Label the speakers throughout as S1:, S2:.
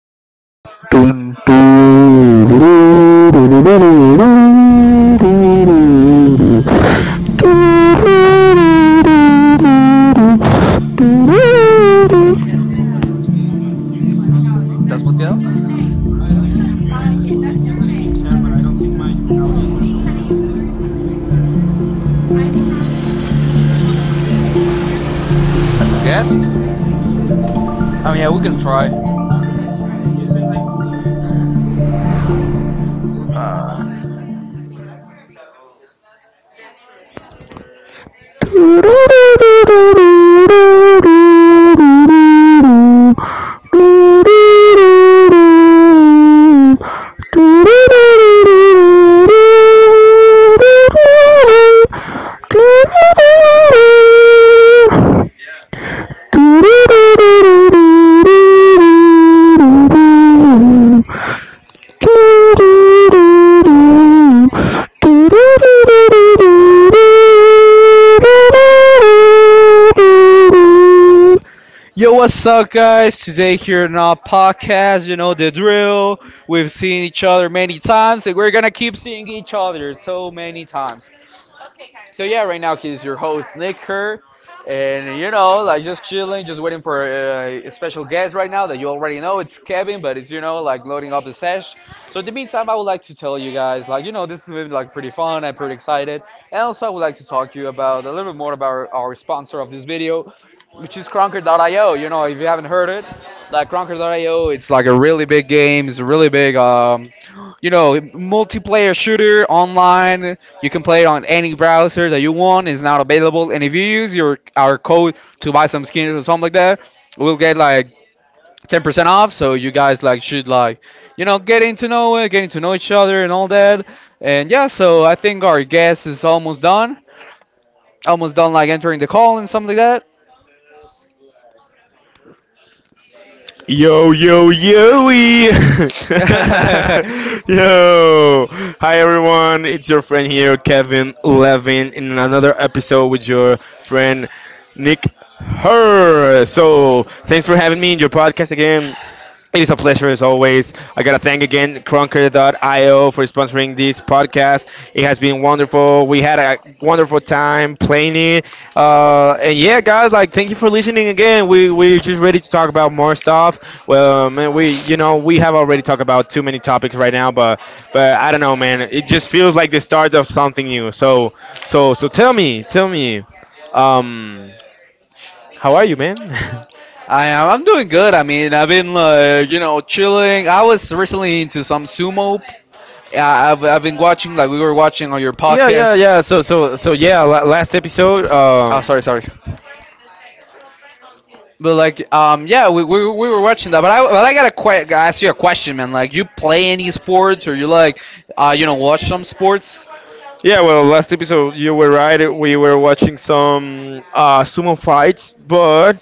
S1: 뚜루루룬, 뚠, 뚜루루루루루루루루루루. 뚜루루루루루, 뚜루루루. Thank you. Thank you.
S2: Yo, yo, yo! Yoey! Yo! Hi, everyone. It's your friend here, Kevin Levin, in another episode with your friend Nick Her. So, thanks for having me in your podcast again. It is a pleasure as always. I gotta thank again Crunker.io for sponsoring this podcast. It has been wonderful. We had a wonderful time playing it. And yeah, guys, like thank you for listening again. We're just ready to talk about more stuff. Well, man, we you know we have already talked about too many topics right now, but I don't know, man. It just feels like the start of something new. So tell me, um, how are you, man? Yeah, yeah, yeah. So, yeah. La last episode, yeah. Well, last episode you were right. We were watching some sumo fights, but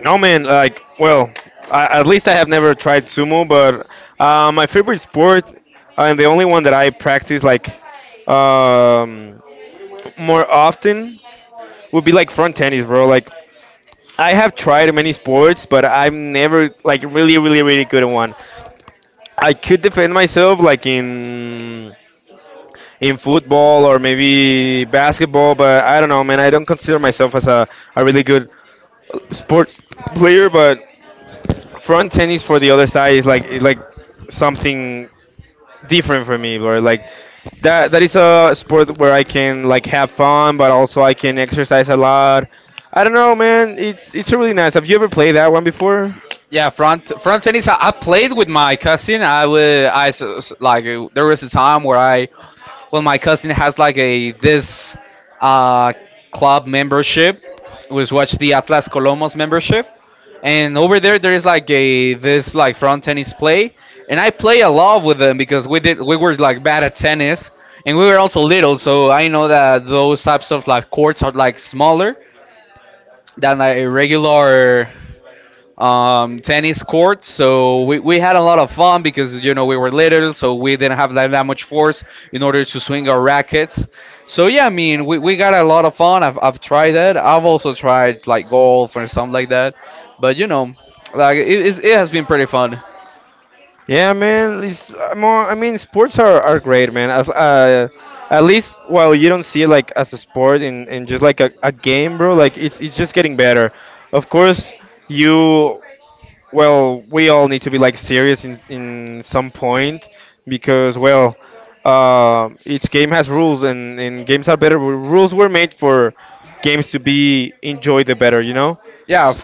S2: no, man. Like, well, at least I have never tried sumo, but my favorite sport, and the only one that I practice like um, more often, would be like front tennis, bro. Like, I have tried many sports, but I'm never like really, really, really good at one. I could defend myself like in football or maybe basketball, but I don't know, man. I don't consider myself as a really good sports player, but front tennis, for the other side, is like something different for me, or like that is a sport where I can like have fun, but also I can exercise a lot. I don't know, man. It's really nice. Have you ever played that one before? Yeah, man. It's more. I mean, sports are great, man. As at least while you don't see it like as a sport and just like a game, bro. Like it's just getting better. Of course, you. Well, we all need to be like serious in some point, because well, each game has rules and games are better. Rules were made for games to be enjoyed the better. S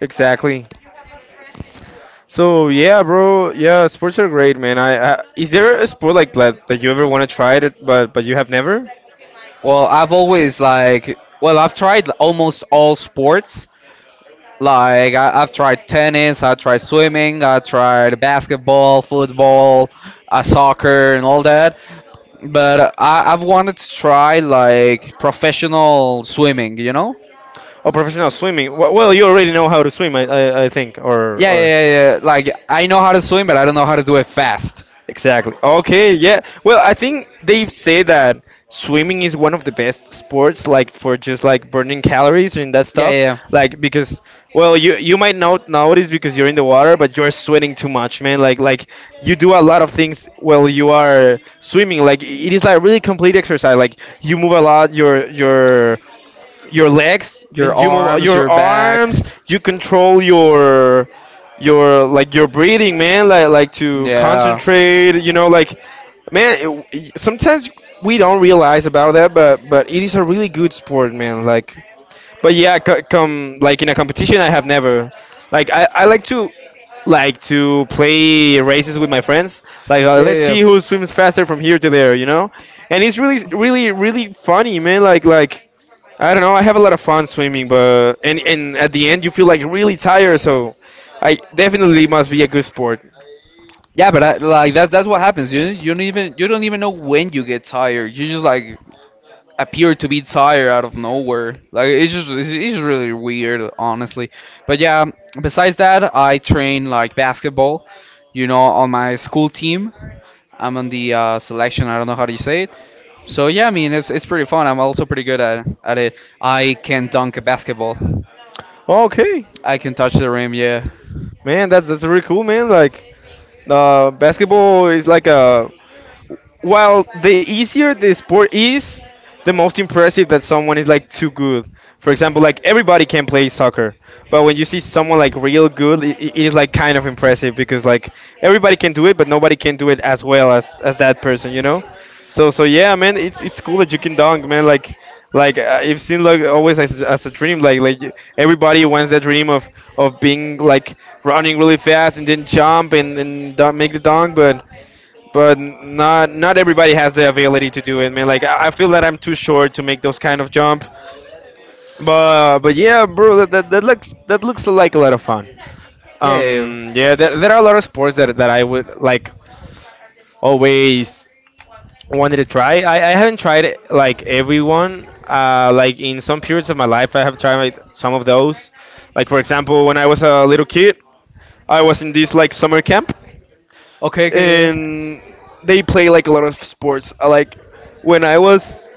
S2: Exactly. So yeah, bro. Yeah, sports are great, man. I is there a sport like that you ever want to try that but you have never? Oh, professional swimming. Well, you already know how to swim, I think, or. Exactly. Okay, yeah. Well, I think they've said that swimming is one of the best sports, like for just like burning calories and that stuff. Like, because well, you might not notice because you're in the water, but you're sweating too much, man. Like you do a lot of things while you are swimming. Like it is like really complete exercise. Like you move a lot, your legs, and you move your arms. You control your breathing, man, to concentrate you know like man Sometimes we don't realize about that, but it is a really good sport, man. But yeah, come like, in a competition I have never. Like I like to play races with my friends. Let's see who swims faster from here to there. And it's really, really, really funny, man. I don't know. I have a lot of fun swimming, but, and at the end you feel like really tired, so I definitely must be a good sport. Okay, man, that's really cool, man. Like, basketball is like a Well, the easier the sport is, the most impressive that someone is like too good. For example, like everybody can play soccer, but when you see someone like real good, it is like kind of impressive because like everybody can do it, but nobody can do it as well as that person. So yeah, man, it's cool that you can dunk, man. It seems like always as a dream. Like everybody wants that dream of being like running really fast and then jump and make the dunk, but not everybody has the ability to do it, man. Like I feel that I'm too short to make those kind of jump, but yeah, bro, that looks, that looks like a lot of fun. Yeah, there are a lot of sports that I would like, always wanted to try. I haven't tried like everyone. Like in some periods of my life, I have tried, like, some of those. Like, for example, when I was a little kid, I was in this like summer camp, and they play like a lot of sports. Like when I was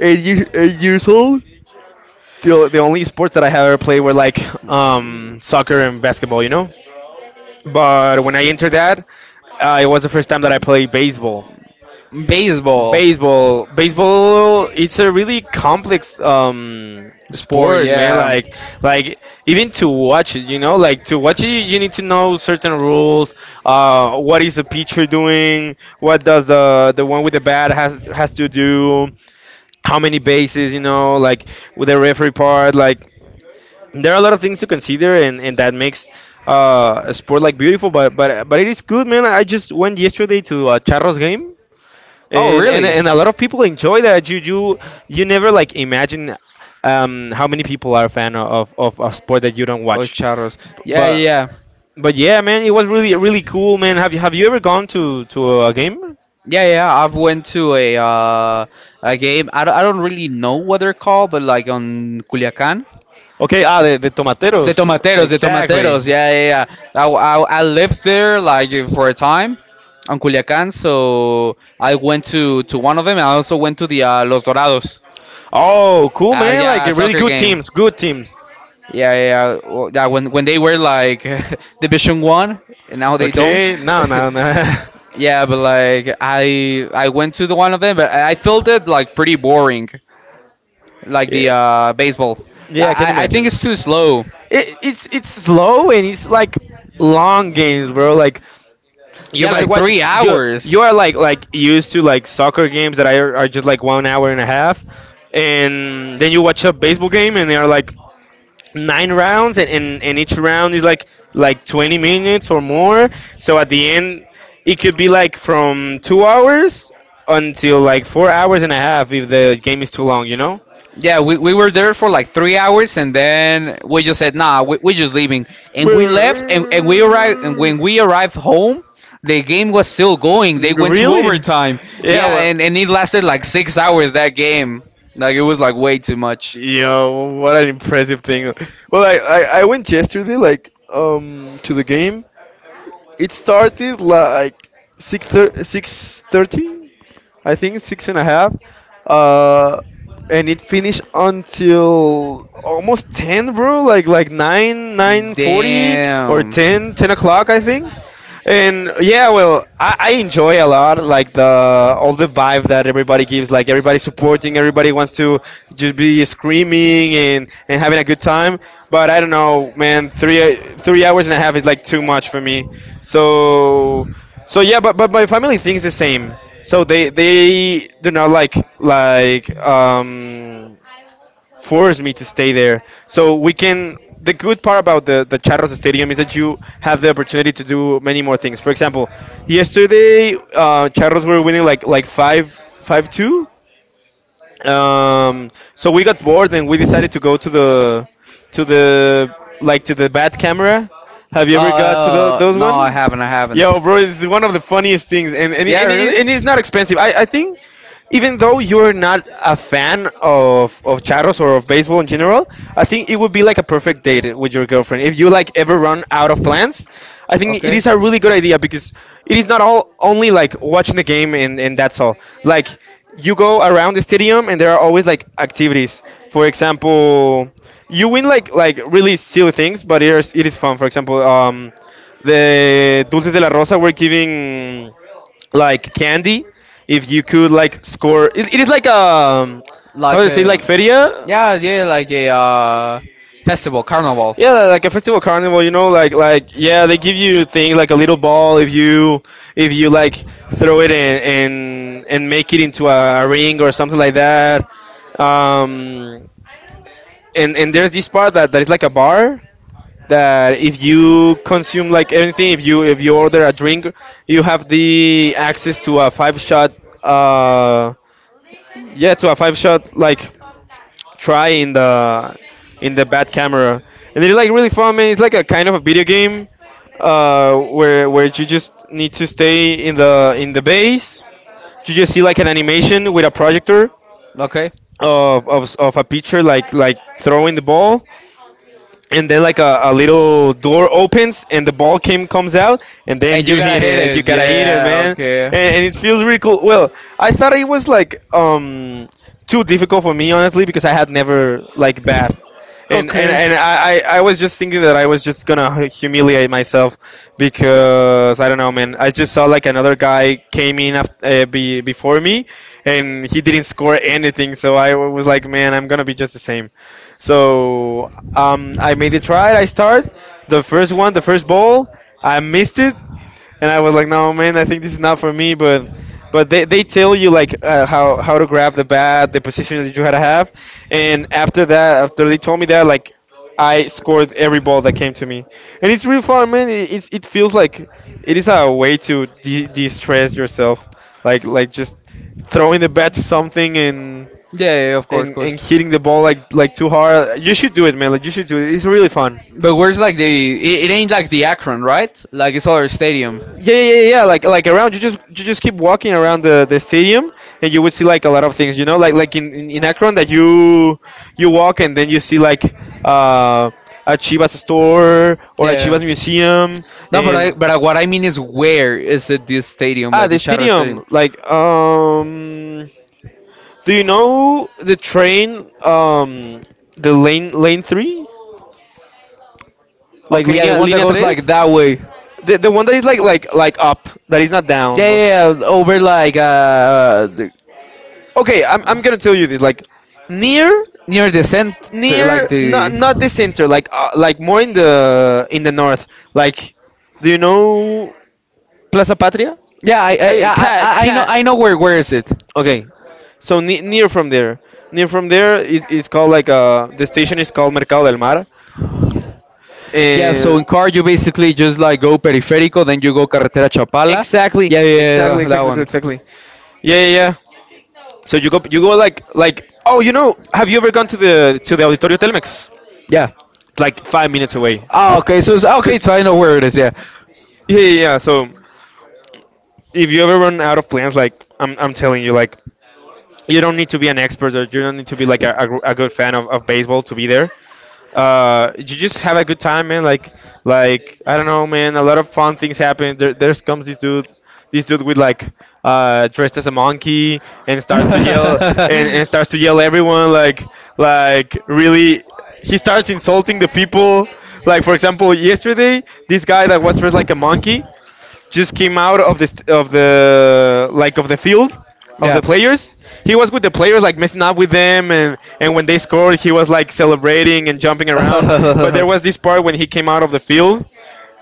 S2: 8 years old, the only sports that I have ever played were like, soccer and basketball. But when I entered that, it was the first time that I played baseball. Baseball. Baseball. It's a really complex sport, man. Like even to watch it, like to watch it you need to know certain rules. What is the pitcher doing? What does the one with the bat has to do? How many bases, like with the referee part, like there are a lot of things to consider, and that makes, a sport like beautiful, but it is good, man. I just went yesterday to a Charros game, and a lot of people enjoy that. You never like imagine how many people are a fan of a sport that you don't watch. But but yeah, man, it was really, really cool, man. Have you ever gone to a game? Okay, the Tomateros, exactly. Oh, cool, man. Like really good teams, good teams. Okay, no, no, no. Yeah, yeah, I can imagine. It's slow, and it's like long games, bro. Like you might watch you you are like used to like soccer games that are just like 1 hour and a half, and then you watch a baseball game and they are like 9 rounds, and each round is like 20 minutes or more. So at the end, it could be like from 2 hours until like 4 hours and a half if the game is too long. Well, really? Yeah, well, yo, what an impressive thing. Well, I went yesterday, like, to the game. It started like 6 6:30, I think, six and a half. Uh, and it finished until almost ten, bro. Like, 9:40, or 10 o'clock, I think. And yeah, well, I enjoy a lot, like, the all the vibe that everybody gives. Like everybody supporting, everybody wants to just be screaming and having a good time. But I don't know, man. Three hours and a half is like too much for me. So. So yeah, but my family thinks the same. So they do not like, like um force me to stay there. So we can. The good part about the Charros Stadium is that you have the opportunity to do many more things. For example, yesterday Charros were winning, like, five two, so we got bored and we decided to go to the to the bat camera. Have you ever got to the those one? Yo, bro, it's one of the funniest things, and it's not expensive. I think, even though you're not a fan of Charros, or of baseball in general, I think it would be like a perfect date with your girlfriend. If you like ever run out of plans, I think it is a really good idea, because it is not all, only like watching the game, and that's all. Like you go around the stadium and there are always like activities. For example, you win like really silly things, but it is fun. For example, the Dulces de la Rosa were giving like candy if you could like score it. It is like, how do you say, like, feria? Yeah, like a festival, carnival, yeah, they give you things, like a little ball, if you like throw it in and make it into a ring or something like that um and there's this part, that is like a bar, that if you consume like anything, if you order a drink, you have the access to a five shot. Uh, yeah, to a five shot, like try, in the bad camera, and it's like really fun, man. It's like a kind of a video game, where you just need to stay in the base. You just see like an animation with a projector of a pitcher like throwing the ball and then like a little door opens and the ball came comes out and then you gotta hit it, man. And it feels really cool. Well, I thought it was like too difficult for me, honestly, because I had never like bat. And I was just thinking that I was just gonna humiliate myself because I don't know, man. I just saw like another guy came in before me, and he didn't score anything. So I was like, man, I'm gonna be just the same. So I made it try. I start the first one, the first ball. I missed it and I was like, no, man, I think this is not for me. But they tell you like how to grab the bat, the position that you had to have, and after that, after they told me that, like I scored every ball that came to me, and it's really fun, man. It feels like it is a way to de stress yourself, like just throwing the bat to something. And hitting the ball like too hard. You should do it, man. Like you should do it. It's really fun. Yeah, yeah, yeah, yeah. Like around, you just keep walking around the stadium, and you would see like a lot of things. You know, like in Akron, that you walk and then you see like uh, a Chivas store or a Chivas museum, and ah, the stadium. Like, do you know the train, the lane three? Like línea tres, the one that is like up, that is not down, bro. Okay, I'm gonna tell you this. Like near, not the center, like more in the north. Like, do you know Plaza Patria? Hey, cat. Okay, so ne near from there is called like the station is called Mercado del Mar, yeah. So and exactly, exactly, exactly, exactly. Exactly. Yeah, yeah, yeah. So you go like, oh, you know, have you ever gone to the Auditorio Telmex? It's like 5 minutes away. So it's, yeah, yeah, yeah. So if you ever run out of plans, like I'm telling you, like you don't need to be an expert or you don't need to be like a good fan of baseball to be there. You just have a good time, man. Like I don't know, man, a lot of fun things happen there. There comes this dude, this dude with like dressed as a monkey, and starts to yell and starts to yell everyone, like really, he starts insulting the people. Like, for example, yesterday this guy that was dressed like a monkey just came out of the, like, of the field of the players. He was with the players, like messing up with them, and when they scored, he was like celebrating and jumping around. But there was this part when he came out of the field,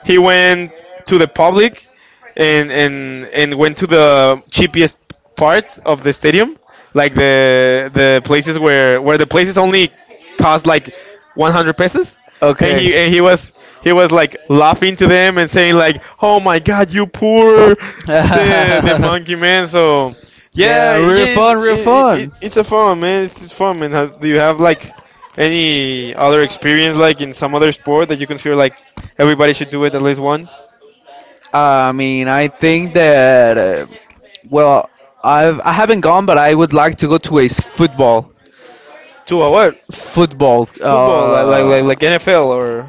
S2: he went to the public and went to the cheapest part of the stadium, like the places where the places only cost like 100 pesos, and he was, he was like laughing to them and saying like, "Oh my God, you poor, the monkey man." So yeah, yeah, it's a fun, man. It's just fun, man. How, do you have like any other experience like in some other sport that you consider like everybody should do it at least once? To our what? Football, like like NFL or,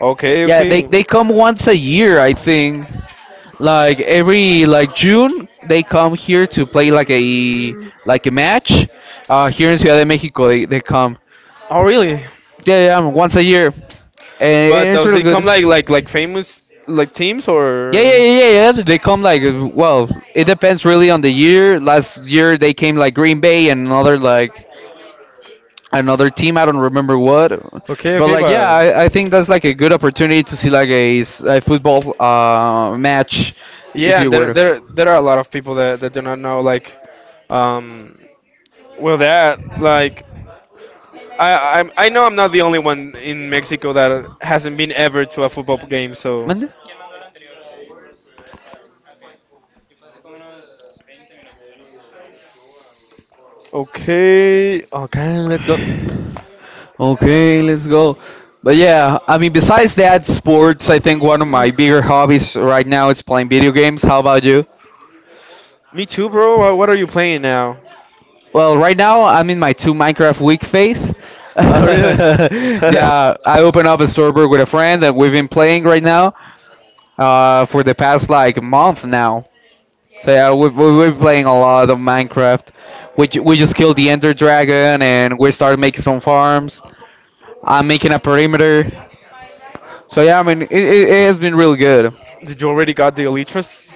S2: okay, okay. Oh really? But does they come like famous like teams or? Okay, okay, but yeah, and there are a lot of people that do not know like um well that like, I know I'm not the only one in Mexico that hasn't been ever to a football game, so. Okay, okay, let's go. Me too, bro. What are you playing now? Oh, really? Did you already got the Elytras?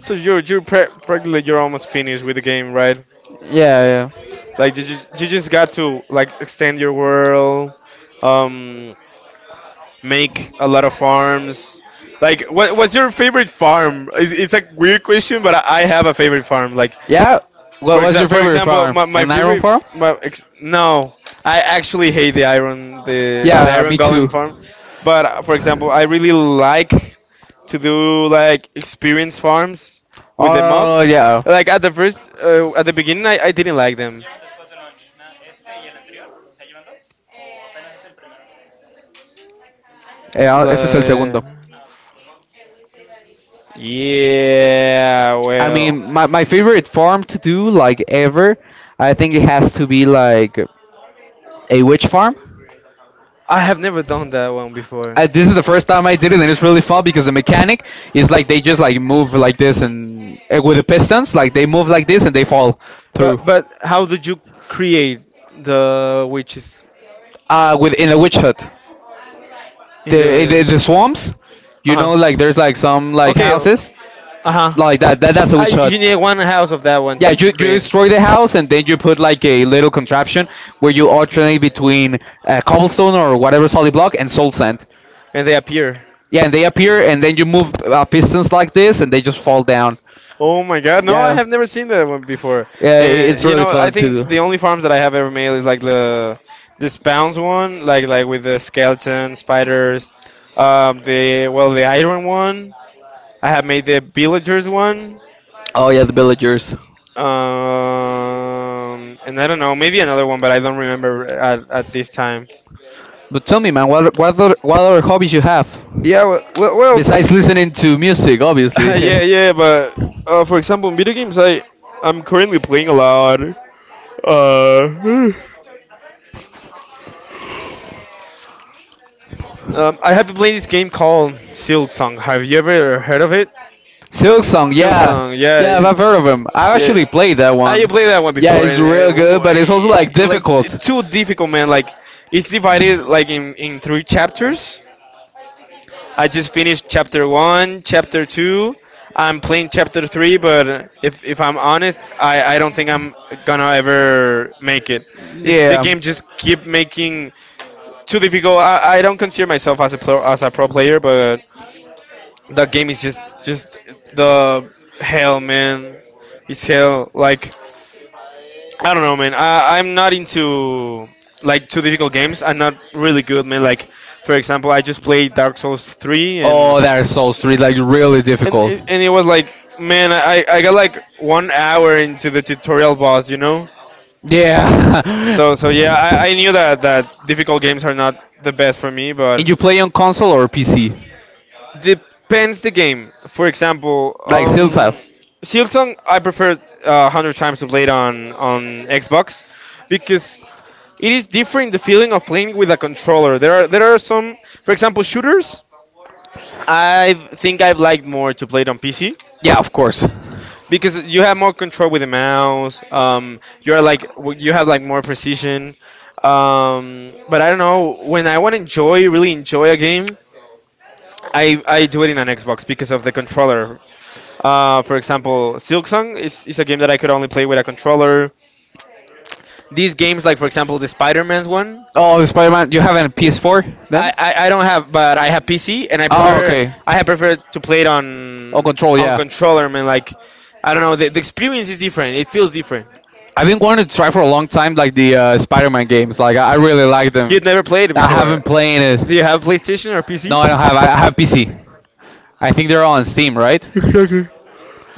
S2: So you're practically you're almost finished with the game, right? Like you just got to like extend your world, um, make a lot of farms. Like, what's your favorite farm? It's a weird question, but I have a favorite farm. Like, for example, my favorite, my ex- no, I actually hate the iron, the iron golem farm. But for example, I really like to do like experience farms with the mobs. Like at the first, at the beginning, I didn't like them. Like, yeah, well, I have never done that one before. But how did you create the witches in the uh-huh. Okay. Uh-huh. You need one house of that one to create and they appear. Oh my god, no, I have never seen that one before. And you know, I think the only farms that I have ever made is like the this Spawns one, like with the skeleton spiders, the, well, the iron one, I have made the villagers one, um, and I don't know, maybe another one, but I don't remember at this time. Yeah, well, well, well talking. Yeah, yeah, but for example, in video games, I I'm currently playing a lot. Uh, I have been playing this game called Silksong. Have you ever heard of it? Silk Song. Yeah, yeah. Yeah. Ah, one, you played that one. Yeah, before, and like it's too difficult, man. Like it's divided like in three chapters. I just finished chapter one, chapter two. I'm playing chapter three, but if I'm honest, I don't think I'm gonna ever make it. It's the game just keep making too difficult. I don't consider myself as a pro player, but that game is just the hell, man. It's hell. Like I don't know, man. I'm not into like too difficult games. I'm not really good, man. Like for example, I just played Dark Souls 3, and and it was like, man, I got like 1 hour into the tutorial boss, you know. So yeah, I knew that difficult games are not the best for me, but depends the game. For example, Silksong, I prefer hundred times to play it on Xbox because it is different, the feeling of playing with a controller. There are some, for example, shooters. I think I've liked more to play it on PC because you have more control with the mouse. You're like you have like more precision. But I don't know, when I want to enjoy really enjoy a game, I do it in an Xbox because of the controller. For example, Silksong is a game that I could only play with a controller. These games, like for example the Spider-Man's one, I don't have, but I have PC and I have preferred to play it on controller. Man, like I don't know, the experience is different. It feels different. You'd never played it before. Do you have PlayStation or PC? Exactly.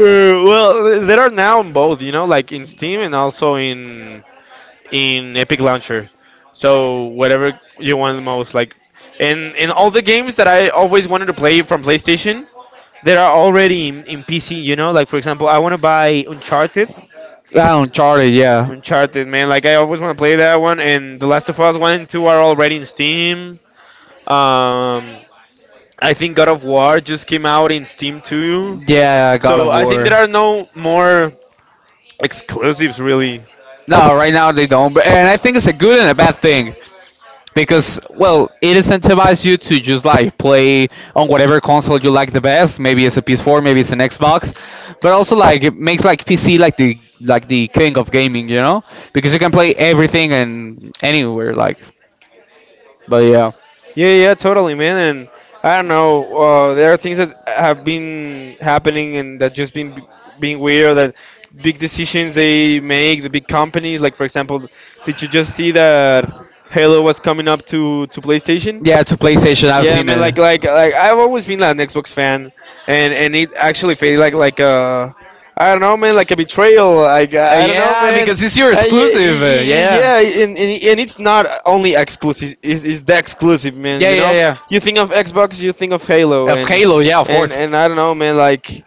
S2: Well, there are now on both, you know, like in Steam and also in Epic Launcher. So whatever you want the most, like, and all the games that I always wanted to play from PlayStation, that are already in PC. You know, like for example, I want to buy Uncharted. Uncharted, man. Like I always want to play that one, and The Last of Us one and two are already in Steam. Um, I think God of War just came out in Steam too. So I think there are no more exclusives really. Yeah, yeah, totally, man. And I don't know. There are things that have been happening and that just been being weird. That big decisions they make, the big companies. Like for example, did you just see that Halo was coming up to PlayStation? Yeah, man, like I've always been like an Xbox fan, and it actually felt like I don't know, man, like a betrayal. Like I don't know, man. Yeah, yeah, and it's not only exclusive. It's the exclusive, man. You know, you think of Xbox, you think of Halo, and I don't know, man. Like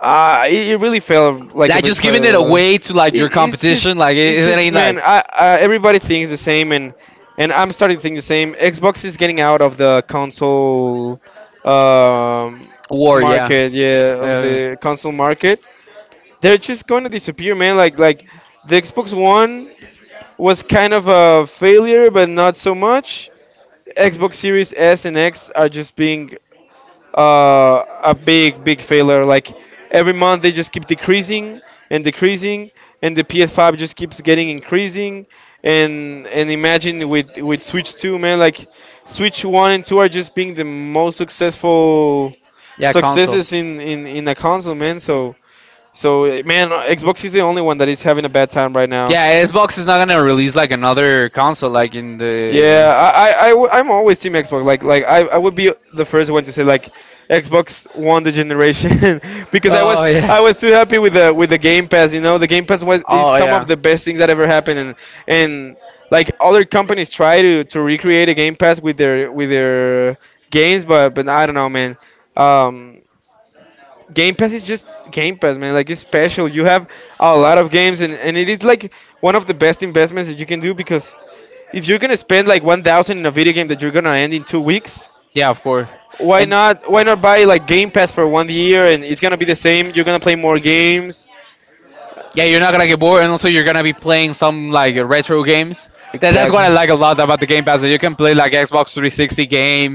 S2: it really felt like a betrayal. It's just, man. Everybody thinks the same, and I'm starting to think the same. Xbox is getting out of the console, um, market. Yeah, of the console market. They're just going to disappear, man. Like the Xbox One was kind of a failure, but not so much. Xbox Series S and X are just being a big failure. Like every month they just keep decreasing and decreasing, and the PS5 just keeps getting increasing. And imagine with Switch 2, man, like Switch 1 and 2 are just being the most successful successes in in a console, man. So so man, Xbox is the only one that is having a bad time right now. Yeah, I'm always team Xbox. Like I would be the first one to say like, Xbox won the generation because I was too happy with the Game Pass. You know, the Game Pass was is some of the best things that ever happened, and like other companies try to recreate a Game Pass with their games, but I don't know, man. Um, Game Pass is just Game Pass, man. Like it's special. You have a lot of games, and it is like one of the best investments that you can do because if you're gonna spend like 1,000 in a video game that you're gonna end in 2 weeks, why not? Why not buy like Game Pass for 1 year, and it's gonna be the same. You're gonna play more games. Exactly.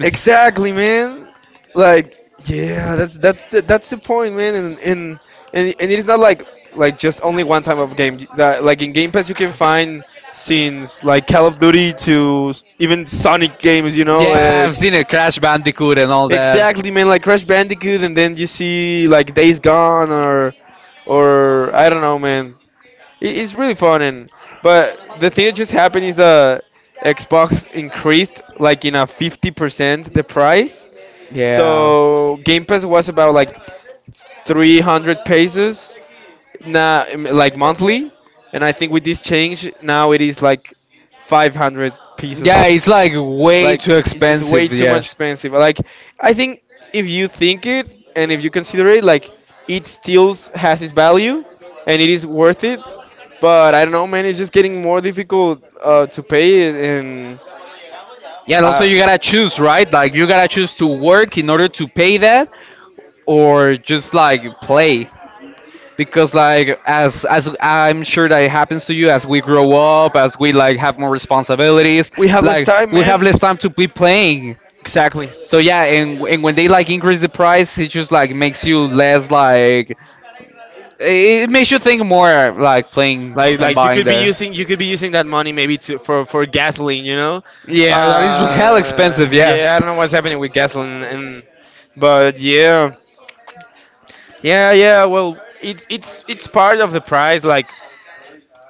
S2: Exactly, man. Like, yeah, that's the point, man. And it is not like like just only one type of game. That like in Game Pass you can find scenes like Call of Duty to even Sonic games, you know, like. Exactly, man. Like Crash Bandicoot, and then you see like Days Gone or I don't know, man. It's really fun, and but the thing that just happened is Xbox increased like in a 50% the price. So Game Pass was about like 300 pesos, now, like monthly, and I think with this change now it is like 500 pesos. Like it's just way too much expensive. Like I think if you think it and if you consider it, like it still has its value and it is worth it. But I don't know, man. It's just getting more difficult to pay it, and uh, uh, we have less time, man. Exactly. Like you could be using that money maybe to for gasoline, you know. Yeah, I don't know what's happening with gasoline, and but yeah, yeah. Well, it's part of the price. Like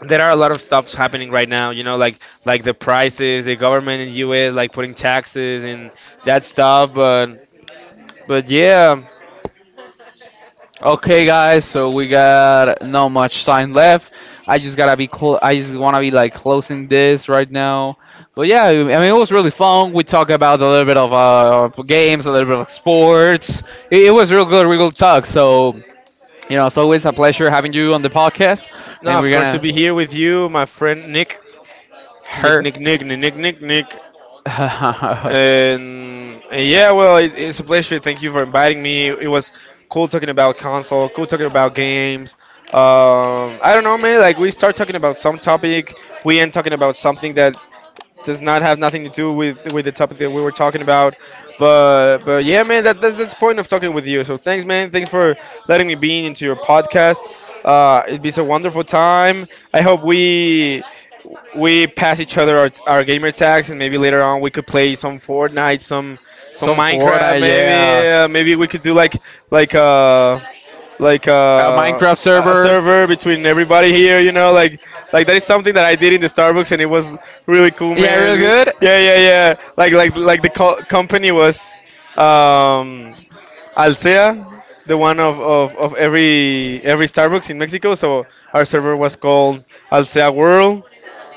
S2: there are a lot of stuffs happening right now, you know, like the prices, the government in U.S. like putting taxes and that stuff, but yeah. No, of course to be here with you, my friend Nick, Nick, Nick, Nick, Nick, Nick, Nick, Nick. And yeah, well, it's a pleasure. Thank you for inviting me. It was cool talking about console, cool talking about games. I don't know, man. Like we start talking about some topic, we end talking about something that does not have nothing to do with the topic that we were talking about. But yeah, man, that's the point of talking with you. So thanks, man. Thanks for letting me be into your podcast. It'd be a wonderful time. I hope we pass each other our gamer tags, and maybe later on we could play some Fortnite, some Minecraft. Maybe maybe we could do like like uh like uh, a a server between everybody here. You know, like that is something that I did in the Starbucks, and it was really cool, man. Yeah, yeah. Like the company was. Um, Alsea, the one of every Starbucks in Mexico. So our server was called Alsea World.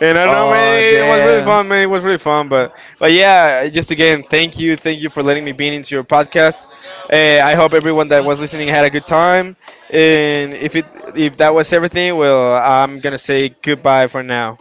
S2: And I don't know, man, it was really fun, man. It was really fun, but yeah, just again, thank you for letting me be into your podcast. I hope everyone that was listening had a good time. And if that was everything, well, I'm gonna say goodbye for now.